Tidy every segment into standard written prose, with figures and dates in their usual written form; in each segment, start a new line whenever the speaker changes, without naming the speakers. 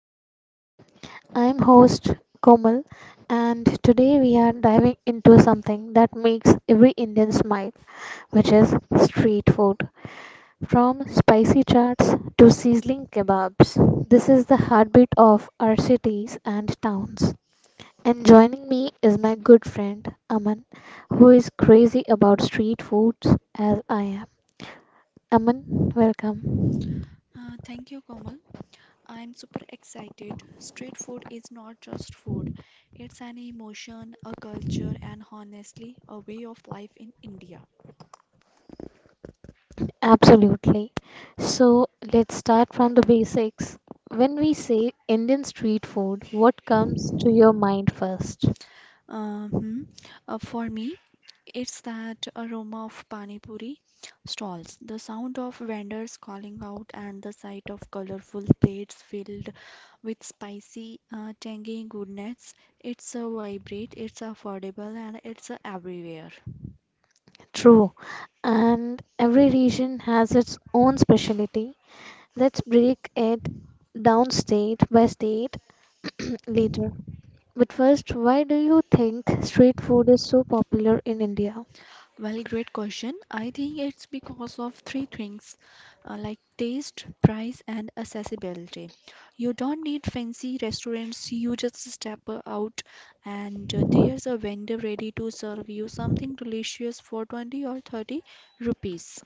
of India. I'm host Komal and today we are diving into something that makes every Indian smile, which is street food. From spicy chaats to sizzling kebabs, this is the heartbeat of our cities and towns. And joining me is my good friend Aman, who is crazy about street foods as I am. Aman, welcome.
Thank you, Komal. I'm super excited. Street food is not just food, it's an emotion, a culture, and honestly, a way of life in India.
Absolutely. So let's start from the basics. When we say Indian street food, what comes to your mind first?
Um, for me, it's that aroma of pani puri stalls, the sound of vendors calling out, and the sight of colorful plates filled with spicy, tangy goodness. It's a vibrate, it's affordable, and it's everywhere.
True. And every region has its own specialty. Let's break it down state by state later. But first, why do you think street food is so popular in India?
Well, great question. I think it's because of three things like taste, price, and accessibility. You don't need fancy restaurants, you just step out and there's a vendor ready to serve you something delicious for 20 or 30 rupees.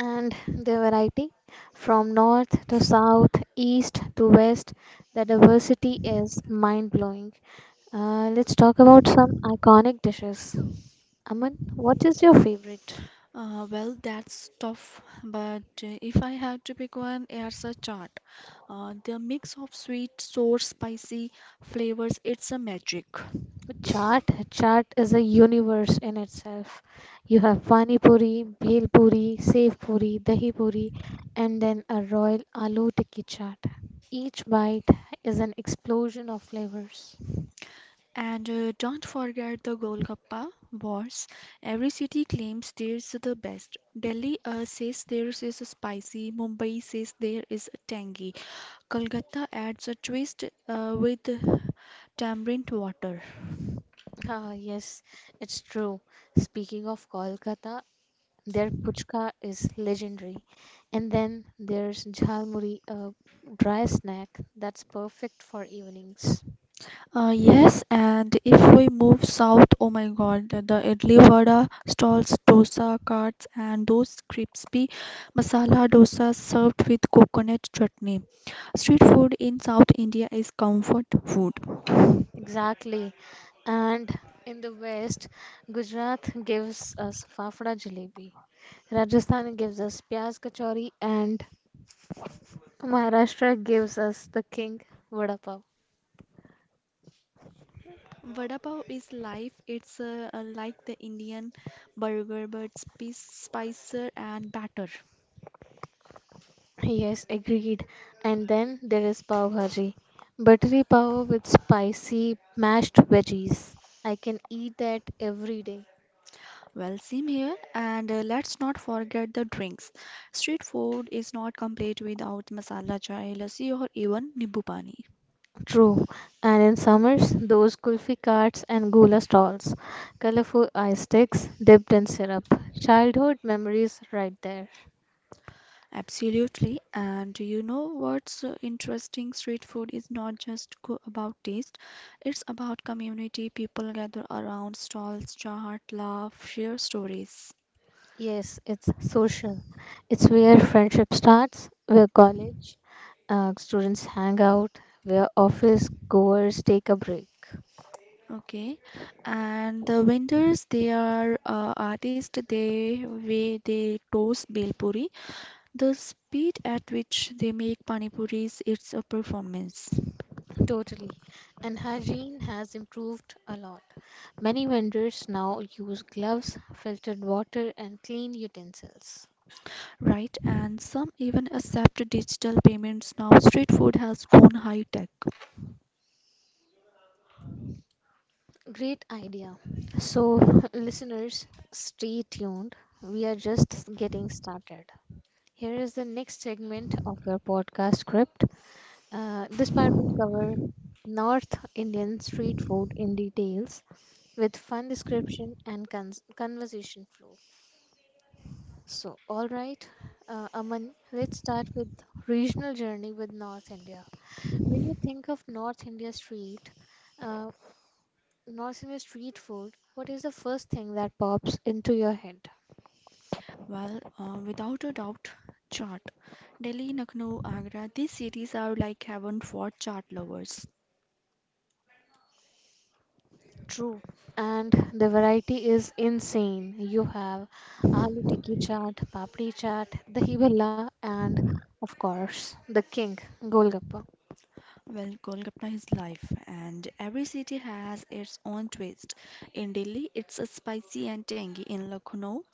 And the variety from north to south, east to west, the diversity is mind blowing. Let's talk about some iconic dishes. Aman, what is your favorite?
Well, that's tough, but if I had to pick one, it's a chaat. The mix of sweet, sour, spicy flavors, it's a magic.
Chaat. Chaat is a universe in itself. You have pani puri, bhel puri, sev puri, dahi puri, and then a royal aloo tikki chaat. Each bite is an explosion of flavors.
And don't forget the Golgappa Wars. Every city claims theirs is the best. Delhi says theirs is spicy. Mumbai says there is tangy. Kolkata adds a twist with tamarind water.
Ah, yes, it's true. Speaking of Kolkata, their puchka is legendary. And then there's jhalmuri, a dry snack that's perfect for evenings.
Yes, and if we move south, oh my god, the idli vada stalls, dosa carts, and those crispy masala dosas served with coconut chutney. Street food in South India is comfort food.
Exactly. And in the west, Gujarat gives us fafda jalebi. Rajasthan gives us pyaz kachori and Maharashtra gives us the king vada pav.
Vada pav is life. It's like the Indian burger, but spicier and better.
Yes, agreed. And then there is pav bhaji, buttery pav with spicy mashed veggies. I can eat that every day.
Well, same here. And let's not forget the drinks. Street food is not complete without masala chai, lassi, or even nibbu pani.
True. And in summers, those kulfi carts and gula stalls, colorful ice sticks dipped in syrup. Childhood memories right there.
Absolutely. And you know what's interesting? Street food is not just go about taste. It's about community. People gather around stalls, chat, laugh, share stories.
Yes, it's social. It's where friendship starts, where college students hang out, where office goers take a break.
Okay, and the vendors they are artists. They way they toast bel puri. The speed at which they make pani puris, it's a performance,
Totally. And hygiene has improved a lot. Many vendors now use gloves, filtered water, and clean utensils.
right? And some even accept digital payments now. Street food has gone high tech.
Great idea. So, listeners, stay tuned. We are just getting started. Here is the next segment of your podcast script. This part will cover North Indian street food in details with fun description and conversation flow. So, all right, Aman, let's start with regional journey with North India. When you think of North India street, uh, food, what is the first thing that pops into your head?
Well, without a doubt, chaat. Delhi, Lucknow, Agra. These cities are like heaven for chaat lovers.
True. And the variety is insane. You have aloo tikki chaat, papdi chaat, dahi bhalla, and of course, the king, golgappa.
Well, Golgappa is life, and every city has its own twist. In Delhi, it's a spicy and tangy. In Lucknow,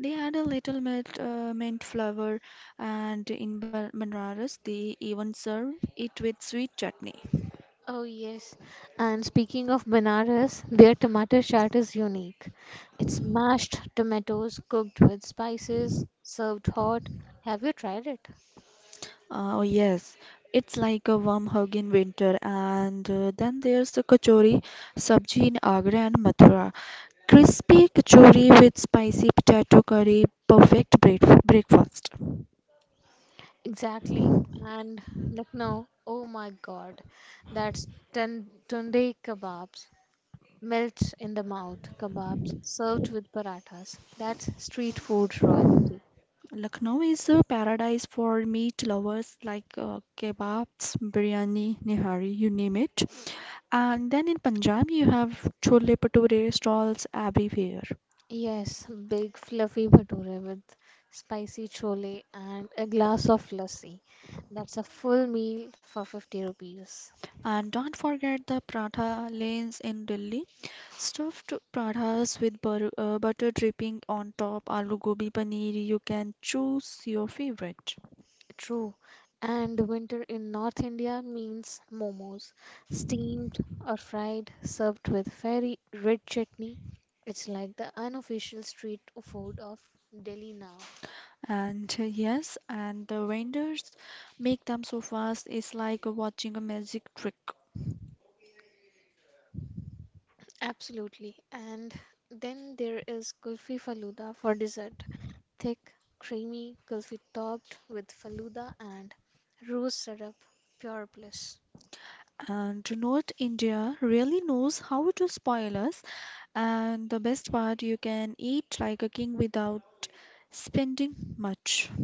they add a little mint flavor, and in Banaras, they even serve it with sweet chutney.
Oh, yes. And speaking of Banaras, their tomato chaat is unique. It's mashed tomatoes cooked with spices, served hot. Have you tried it?
Oh, yes, it's like a warm hug in winter, and then there's a kachori sabji in Agra and Mathura. Crispy kachori with spicy potato curry, perfect breakfast.
Exactly. And Lucknow, oh my God, that's tunde kebabs, melt in the mouth kebabs served with parathas. That's street food royalty.
Lucknow is a paradise for meat lovers like kebabs, biryani, nihari, you name it. And then in Punjab, you have chole bhature stalls everywhere.
Yes, big fluffy bhature with spicy chole and a glass of lassi. That's a full meal for 50 rupees.
And don't forget the paratha lanes in Delhi. Stuffed parathas with bur butter dripping on top, aloo gobi paneer, you can choose your favorite.
True. And winter in North India means momos, steamed or fried, served with very red chutney. It's like the unofficial street food of Delhi now.
And yes, and the vendors make them so fast, it's like watching a magic trick.
Absolutely. And then there is Kulfi Faluda for dessert. Thick, creamy kulfi topped with Faluda and rose syrup. Pure bliss.
And do not India really knows how to spoil us. And the best part, you can eat like a king without spending much.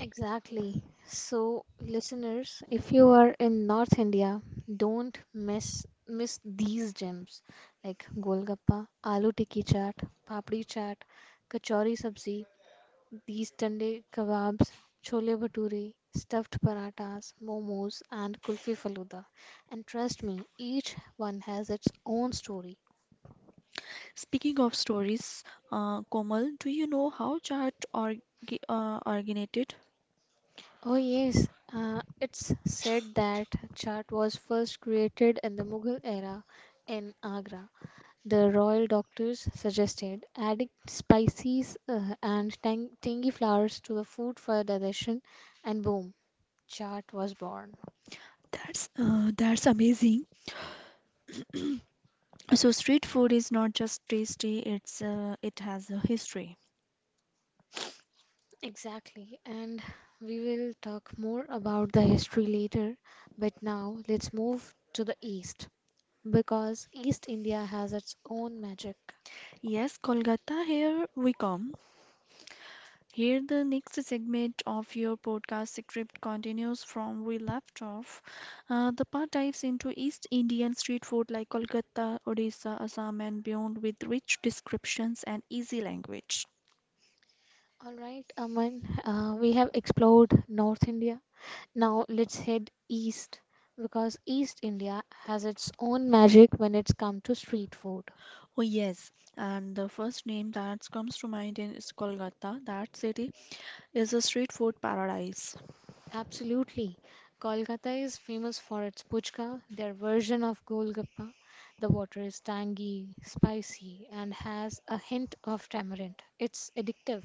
Exactly. So, listeners, if you are in North India, don't miss miss these gems like golgappa, aloo tikki chaat, papdi chaat, kachori sabzi, these tender kebabs, chole bhature, stuffed parathas, momos, and kulfi faluda. And trust me, each one has its own story.
Speaking of stories, Komal, do you know how chaat or originated?
Oh yes, it's said that chaat was first created in the Mughal era in Agra. The royal doctors suggested adding spices and tangy flowers to the food for digestion, and boom, chaat was born.
That's amazing. So street food is not just tasty, it's it has a history.
Exactly, and we will talk more about the history later, but now let's move to the East because East India has its own magic.
Yes, Kolkata, here we come. Here, the next segment of your podcast script continues from we left off. The part dives into East Indian street food like Kolkata, Odisha, Assam, and beyond with rich descriptions and easy language.
All right, Aman, we have explored North India. Now let's head east because East India has its own magic when it's come to street food.
Oh, yes, and the first name that comes to mind is Kolkata. That city is a street food paradise.
Absolutely. Kolkata is famous for its puchka, their version of golgappa. The water is tangy, spicy, and has a hint of tamarind. It's addictive.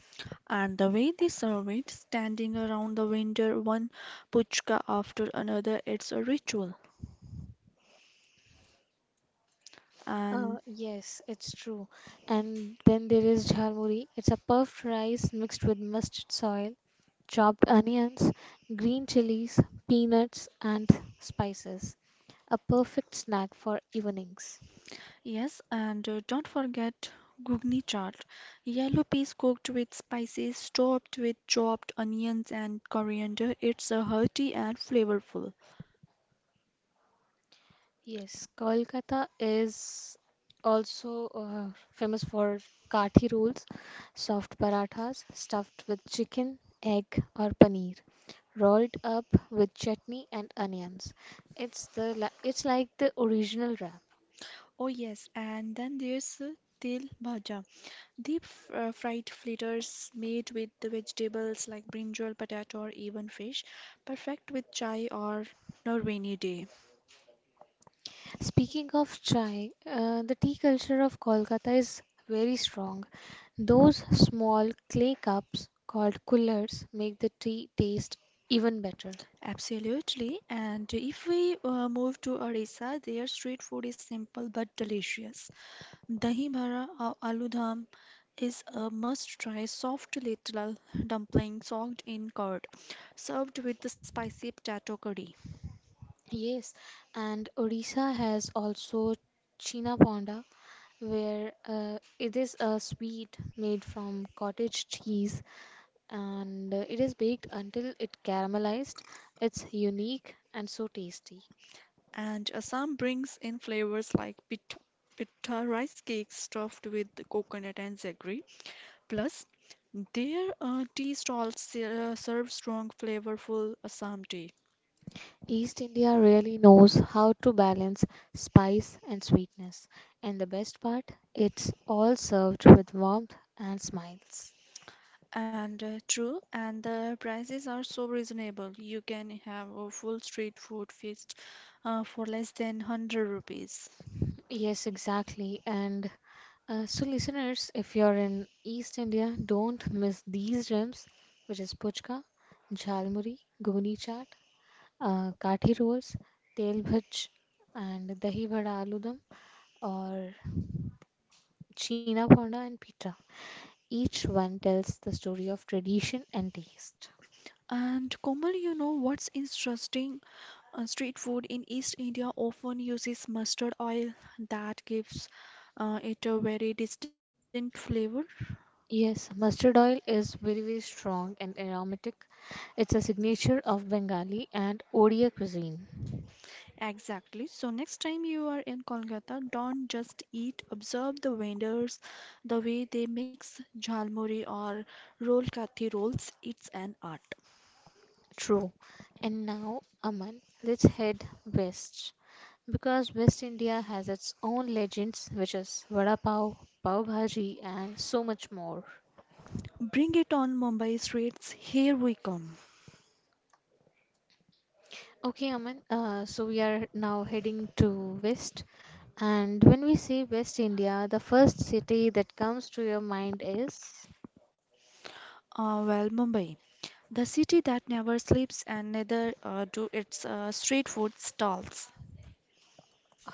And the way they serve it, standing around the vendor, one puchka after another, it's a ritual. And
Yes, it's true. And then there is jhalmuri. It's a puffed rice mixed with mustard soil, chopped onions, green chilies, peanuts, and spices. A perfect snack for evenings.
Yes, and don't forget Gugni chaat, yellow peas cooked with spices, topped with chopped onions and coriander. It's hearty and flavorful.
Yes, Kolkata is also famous for kathi rolls, soft parathas stuffed with chicken, egg, or paneer, rolled up with chutney and onions. It's the it's like the original wrap.
Oh, yes, and then there's til bhaja, deep fried fritters made with the vegetables like brinjal, potato, or even fish, perfect with chai or no rainy day.
Speaking of chai, the tea culture of Kolkata is very strong. Those small clay cups called kullers make the tea taste even better.
Absolutely. And if we move to Odisha, their street food is simple but delicious. Dahi bhara or aloo dam is a must-try soft little dumpling soaked in curd, served with the spicy potato curry.
Yes, and Odisha has also China Ponda, where it is a sweet made from cottage cheese and it is baked until it caramelized. It's unique and so tasty.
And Assam brings in flavors like pita rice cakes stuffed with coconut and jaggery. Plus, their tea stalls serve strong, flavorful Assam tea.
East India really knows how to balance spice and sweetness, and the best part, it's all served with warmth and smiles.
And true, and the prices are so reasonable. You can have a full street food feast for less than 100 rupees.
Yes, exactly. And so, listeners, if you're in East India, don't miss these gems, which is puchka, jhalmuri, gogni chaat, kathi rolls, tel bhaj, and dahi vada aloo dum, or china ponda and pita. Each one tells the story of tradition and taste.
And Komal, you know what's interesting? Street food in East India often uses mustard oil that gives it a very distinct flavor.
Yes, mustard oil is very, very strong and aromatic. It's a signature of Bengali and Odia cuisine.
Exactly. So next time you are in Kolkata, don't just eat, observe the vendors, the way they mix jhalmuri or roll kathi rolls. It's an art.
True. And now, Aman, let's head west because West India has its own legends, which is vada pav, pav bhaji, and so much more.
Bring it on, Mumbai streets, here we come.
Okay, Aman, so we are now heading to west. And when we say West India, the first city that comes to your mind is?
Well, Mumbai, the city that never sleeps, and neither do its street food stalls.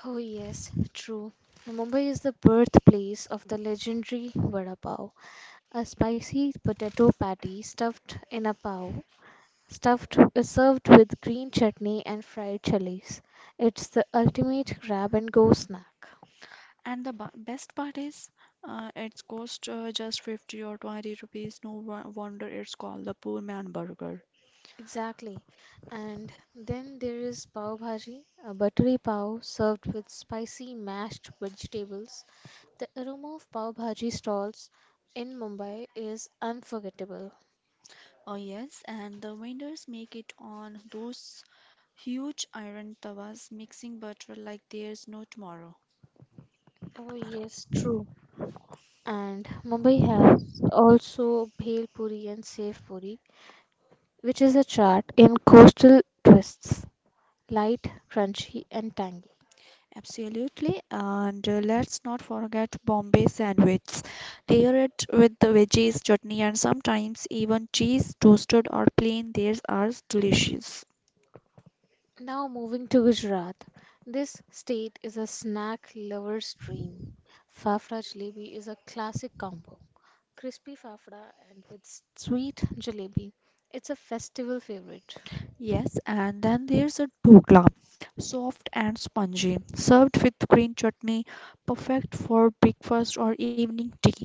Oh, yes, true. Mumbai is the birthplace of the legendary vada pav, a spicy potato patty stuffed in a pav stuffed served with green chutney and fried chilies. It's the ultimate grab and go snack.
And the best part is, it's cost just 50 or 20 rupees. No wonder it's called the poor man burger.
Exactly. And then there is pav bhaji, a buttery pav served with spicy mashed vegetables. The aroma of pav bhaji stalls in Mumbai is unforgettable.
Oh, yes, and the vendors make it on those huge iron tawas, mixing butter like there's no tomorrow.
Oh yes, true. And Mumbai has also bhel puri and sev puri, which is a chaat in coastal twists. Light, crunchy, and tangy.
Absolutely, and let's not forget Bombay sandwiches. Pair it with the veggies, chutney, and sometimes even cheese, toasted or plain. Theirs are delicious.
Now moving to Gujarat. This state is a snack lover's dream. Fafda jalebi is a classic combo. Crispy fafda and with sweet jalebi. It's a festival favorite.
Yes, and then there's a dhokla, soft and spongy, served with green chutney, perfect for breakfast or evening tea.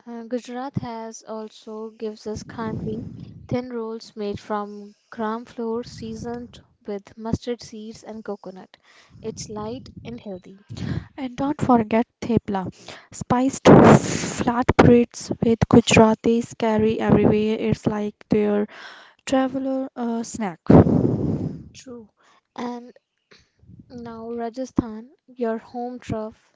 Gujarat has also gives us khandvi, thin rolls made from gram flour seasoned with mustard seeds and coconut. It's light and healthy.
And don't forget thepla, spiced flatbreads with Gujaratis carry everywhere. It's like their traveler snack.
True. And now, Rajasthan, your home turf,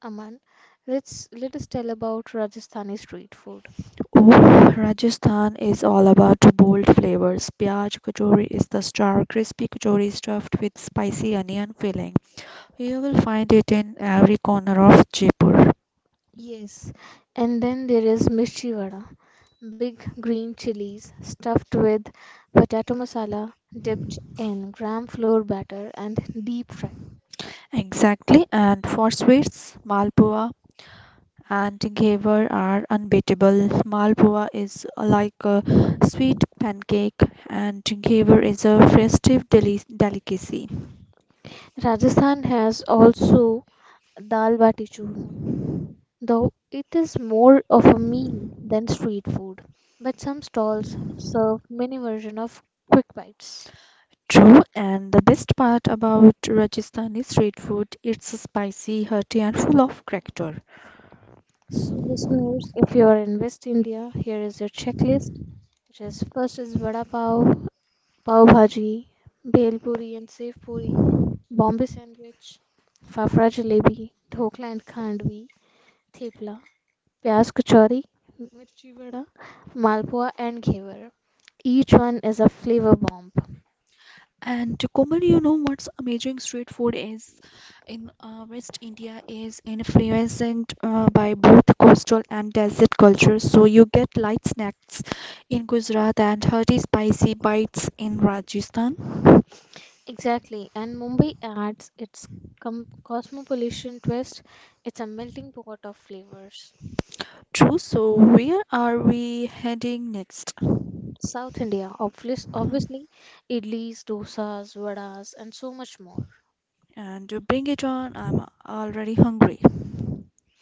Aman. Let's let us tell about Rajasthani street food.
Rajasthan is all about bold flavors. Pyaj Kachori is the star, crispy kachori stuffed with spicy onion filling. You will find it in every corner of Jaipur.
Yes, and then there is mirchi vada, big green chilies stuffed with potato masala, dipped in gram flour batter and deep fried.
Exactly, and for sweets, Malpua and Ghevar are unbeatable. Malpua is like a sweet pancake, and Ghevar is a festive delicacy.
Rajasthan has also dal bati churma, though it is more of a meal than street food. But some stalls serve mini version of quick bites.
True, and the best part about Rajasthani street food, it's spicy, hearty, and full of character.
So, listeners, if you are in West India, here is your checklist, which is first is vada pav, pav bhaji, bhel puri and sev puri, Bombay sandwich, fafra jalebi, dhokla and khandvi, thepla, pyaz kachori, mirchi vada, malpua and ghevar. Each one is a flavor bomb.
And Komal, you know what's amazing street food is in West India is influenced by both coastal and desert cultures. So you get light snacks in Gujarat and hearty, spicy bites in Rajasthan.
Exactly, and Mumbai adds its cosmopolitan twist. It's a melting pot of flavors.
True. So where are we heading next?
South India,
Hmm.
obviously, idlis, dosas, vadas, and so much more.
And bring it on. I'm already hungry.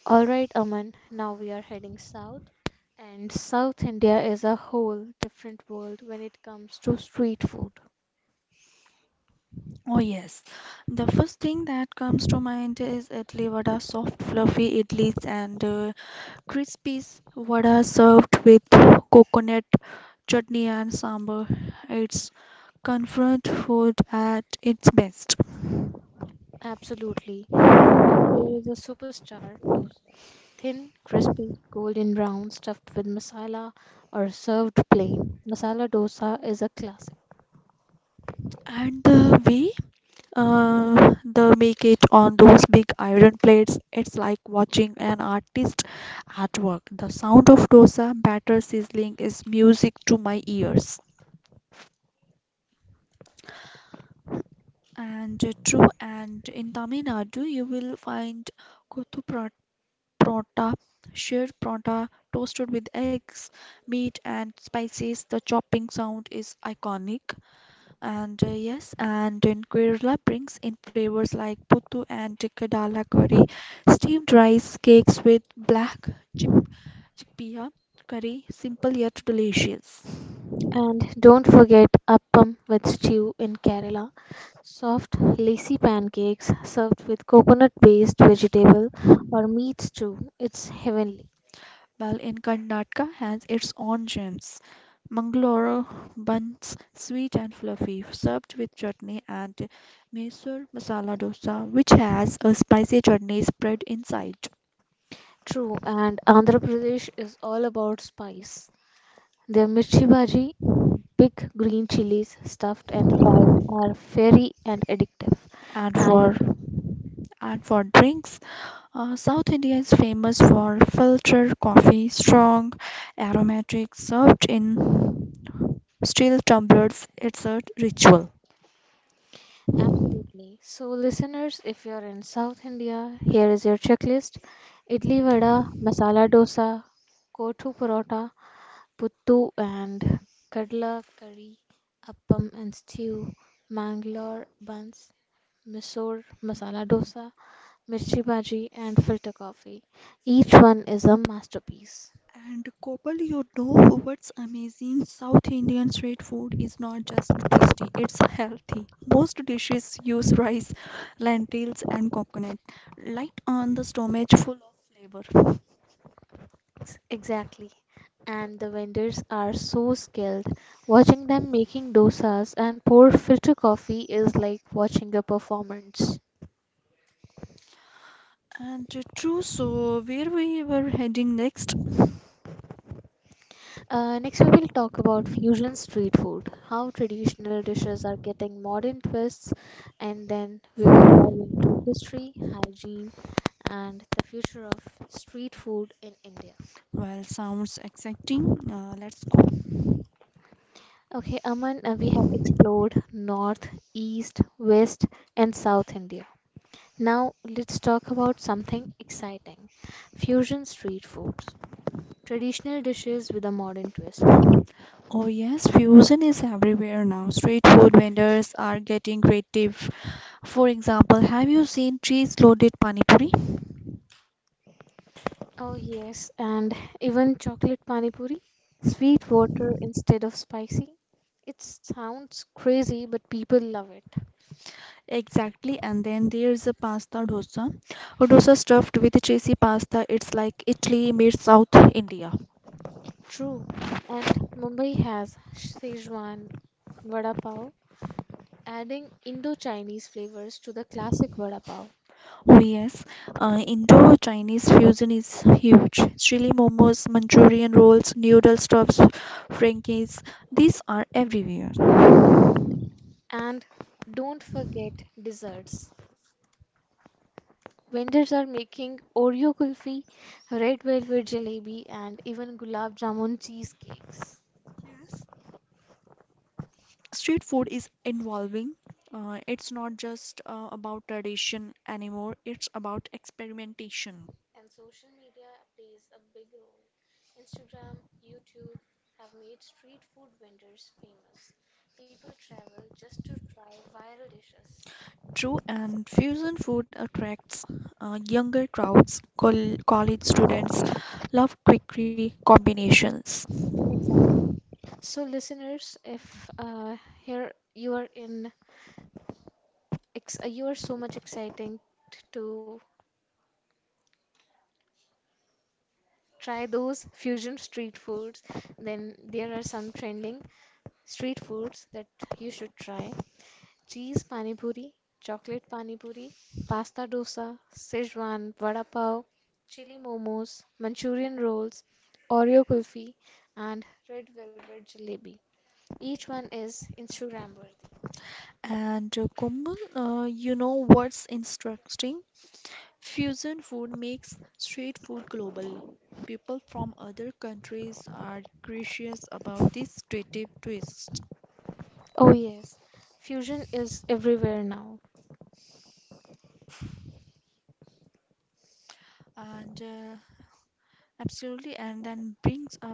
All right, Aman, now we are heading south, and South India is a whole different world when it comes to street food.
Oh yes, the first thing that comes to mind is idli vada, soft fluffy idlis and crispy vada served with coconut chutney and sambar. It's comfort food at its best.
Absolutely. And then there is a superstar dosa. Thin, crispy, golden brown, stuffed with masala or served plain. Masala dosa is a classic.
And the way they make it on those big iron plates, it's like watching an artist at work. The sound of dosa batter sizzling is music to my ears. And true, and in Tamil Nadu you will find kothu prata sheer prata toasted with eggs, meat, and spices. The chopping sound is iconic. And yes, and in Kerala brings in flavors like puttu and kadala curry, steamed rice cakes with black chip chickpea curry, simple yet delicious.
And don't forget appam with stew in Kerala. Soft, lacy pancakes served with coconut based vegetable or meat stew. It's heavenly.
While in Karnataka has its own gems. Mangalore buns, sweet and fluffy, served with chutney, and Mysore masala dosa, which has a spicy chutney spread inside.
True, and Andhra Pradesh is all about spice. Their mirchi bhaji, big green chilies stuffed and fried, are fiery and addictive.
And
And
for and for drinks, South India is famous for filter coffee, strong, aromatic, served in steel tumblers. It's a ritual.
absolutely. So, listeners, if you're in South India, here is your checklist idli vada, masala dosa, kothu parota, puttu and kadla curry, appam and stew, Mangalore buns, Mysore masala dosa, mirchi bhaji, and filter coffee. Each one is a masterpiece.
And Gopal, you know what's amazing? South Indian street food is not just tasty, it's healthy. Most dishes use rice, lentils, and coconut. Light on the stomach, full of flavor.
Exactly. And the vendors are so skilled. Watching them making dosas and pour filter coffee is like watching a performance.
And true, so where we were heading next?
Next, we will talk about fusion street food, how traditional dishes are getting modern twists, and then we will dive into history, hygiene, and the future of street food in India.
Well, sounds exciting. Let's go.
Okay, Aman, we have explored North, East, West, and South India. Now, let's talk about something exciting fusion street foods, traditional dishes with a modern twist.
Oh, yes, fusion is everywhere now. Street food vendors are getting creative. For example, have you seen cheese loaded pani puri?
Oh, yes, and even chocolate pani puri, sweet water instead of spicy. It sounds crazy, but people love it.
Exactly, and then there's a pasta dosa. A dosa stuffed with cheesy pasta. It's like Italy meets South India.
True. And Mumbai has Szechuan vada pav, adding Indo-Chinese flavors to the classic vada pav.
Oh yes, Indo-Chinese fusion is huge. Chili momos, Manchurian rolls, noodle stuffs, frankies. These are everywhere.
And don't forget desserts. Vendors are making Oreo kulfi, red velvet jalebi, and even gulab jamun cheesecakes.
Yes, street food is evolving. It's not just about tradition anymore. It's about experimentation.
And social media plays a big role. Instagram, YouTube have made street food vendors famous. People travel just to try viral dishes.
True, and fusion food attracts younger crowds. College students love quick combinations.
So listeners, if here you are in you are so much excited to try those fusion street foods, then there are some trending street foods that you should try. Cheese pani puri, chocolate pani puri, pasta dosa, Szechuan vada pav, chili momos, Manchurian rolls, Oreo kulfi, and red velvet jalebi. Each one is Instagram worthy.
And Komal, you know what's interesting? Fusion food makes street food global. People from other countries are curious about this creative twist.
Oh yes, fusion is everywhere now.
And absolutely, and then brings up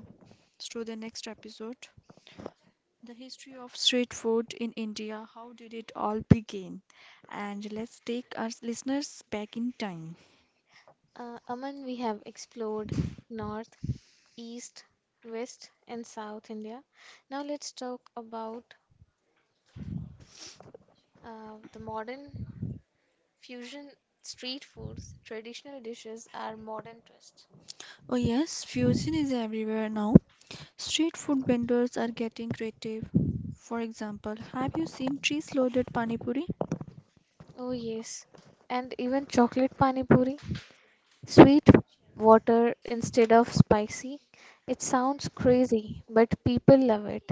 to the next episode. The history of street food in India, how did it all begin? And let's take our listeners back in time.
Aman, we have explored north, east, west, and south India. Now let's talk about the modern Fusion street foods, traditional dishes are modern twist.
Oh, yes, fusion is everywhere now. Street food vendors are getting creative. For example, have you seen cheese loaded pani puri?
Oh yes, and even chocolate pani puri, sweet water instead of spicy. It sounds crazy, but people love it.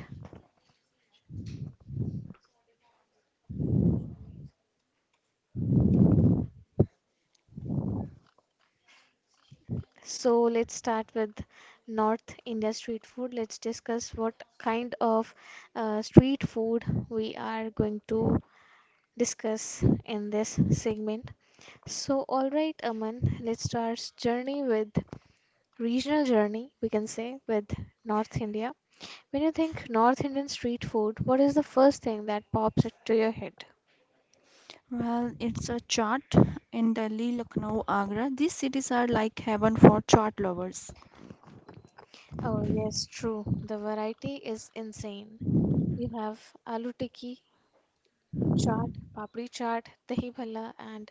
So let's start with North India street food. Let's discuss what kind of street food we are going to discuss in this segment. So, all right, Aman, let's start journey with regional journey, we can say, with North India. When you think North Indian street food, what is the first thing that pops into your head?
Well, it's a chaat in Delhi, Lucknow, Agra. These cities are like heaven for chaat lovers.
Oh, yes, true. The variety is insane. You have aloo tikki, chaat, papri chaat, dahi bhalla, and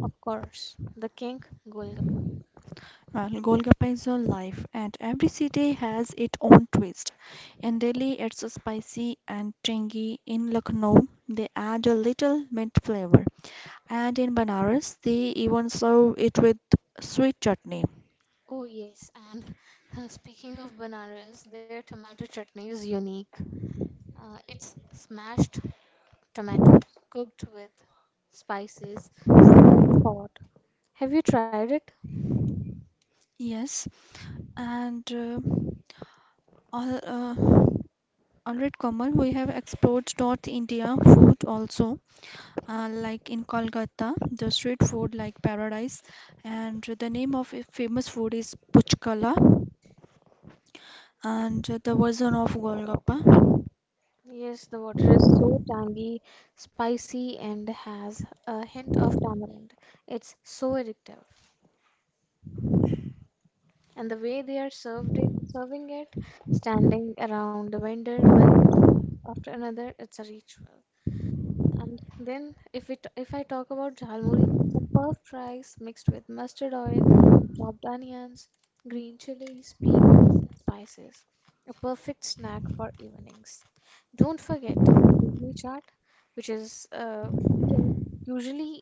of course, the king golgappa.
Well, Golgappa is your life, and every city has its own twist. In Delhi, it's spicy and tangy. In Lucknow, they add a little mint flavor. And in Banaras, they even serve it with sweet chutney.
Oh, yes, and speaking of Banaras, their tomato chutney is unique. It's smashed tomato cooked with spices, served hot. Have you tried it?
Yes, and all, uh, all right, Kamal, we have explored North India food also, like in Kolkata, the street food like paradise, and the name of a famous food is Puchkala, and the version of Golgappa.
Yes, the water is so tangy, spicy, and has a hint of tamarind. It's so addictive. And the way they are served it, serving it, standing around the vendor, one pit after another, it's a ritual. And then if I talk about jhalmuri, it's a puffed rice mixed with mustard oil, chopped onions, green chilies, peanuts, and spices. A perfect snack for evenings. Don't forget for bhogni chaat, which is we can usually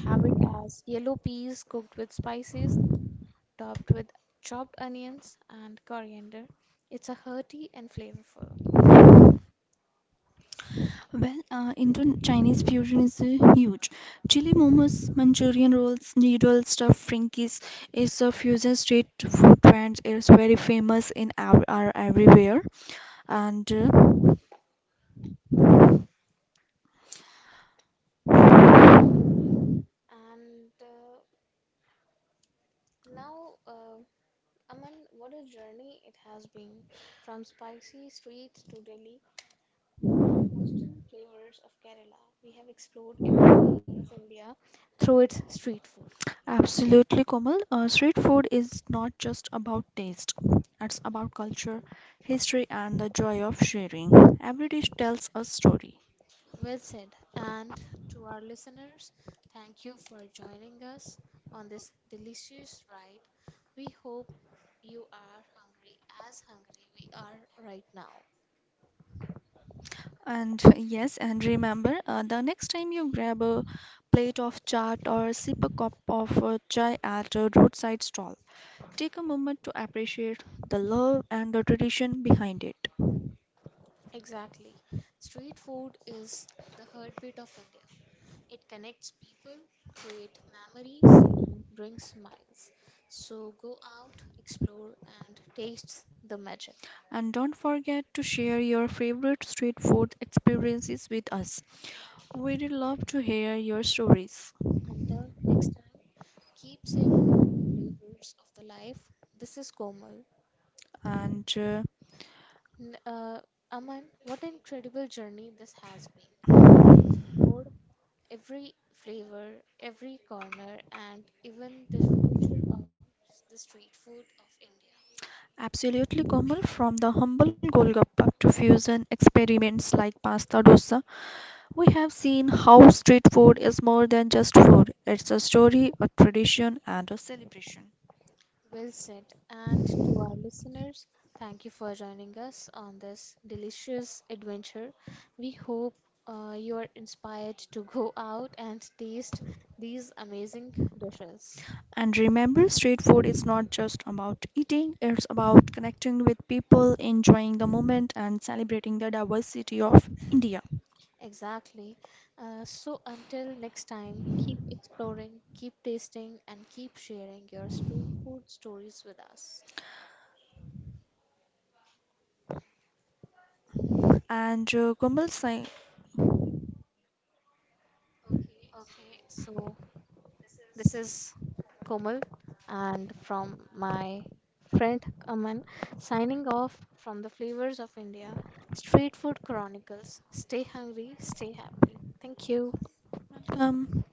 have it as yellow peas cooked with spices, topped with chopped onions and coriander. It's a hearty and flavorful.
Well, Indian Chinese fusion is huge. Chili momos, Manchurian rolls, noodle stuff. Frankies is a fusion street food brand. It's very famous in our everywhere. And
Absolutely. And now. Aman, what a journey it has been. From spicy streets to Delhi to the coastal flavors of Kerala, we have explored every corner of India through its street food.
absolutely, Komal, street food is not just about taste. It's about culture, history, and the joy of sharing. Every dish tells a story.
Well said. And to our listeners, thank you for joining us on this delicious ride. We hope you are hungry as hungry we are right now.
And yes, and remember, the next time you grab a plate of chaat or sip a cup of chai at a roadside stall, take a moment to appreciate the love and the tradition behind it.
Exactly. Street food is the heartbeat of India. It connects people, creates memories, and brings smiles. So go out, explore, and taste the magic.
And don't forget to share your favorite street food experiences with us. We'd love to hear your stories.
Until next time, keep savoring the flavors of the life. This is Komal.
And
N- Uh, Aman, what an incredible journey this has been. Explored every flavor, every corner, and even the future of the street food of India.
absolutely, Komal, from the humble Golgappa to fusion experiments like pasta dosa, we have seen how street food is more than just food, it's a story, a tradition, and a celebration.
Well said. And to our listeners, thank you for joining us on this delicious adventure. We hope you are inspired to go out and taste these amazing dishes.
And remember, street food is not just about eating, it's about connecting with people, enjoying the moment, and celebrating the diversity of India.
Exactly. So until next time, keep exploring, keep tasting, and keep sharing your street food stories with us.
And Komal Singh,
Okay, so this is Komal and from my friend Aman signing off from the Flavors of India Street Food Chronicles. Stay hungry, stay happy. Thank you.
welcome.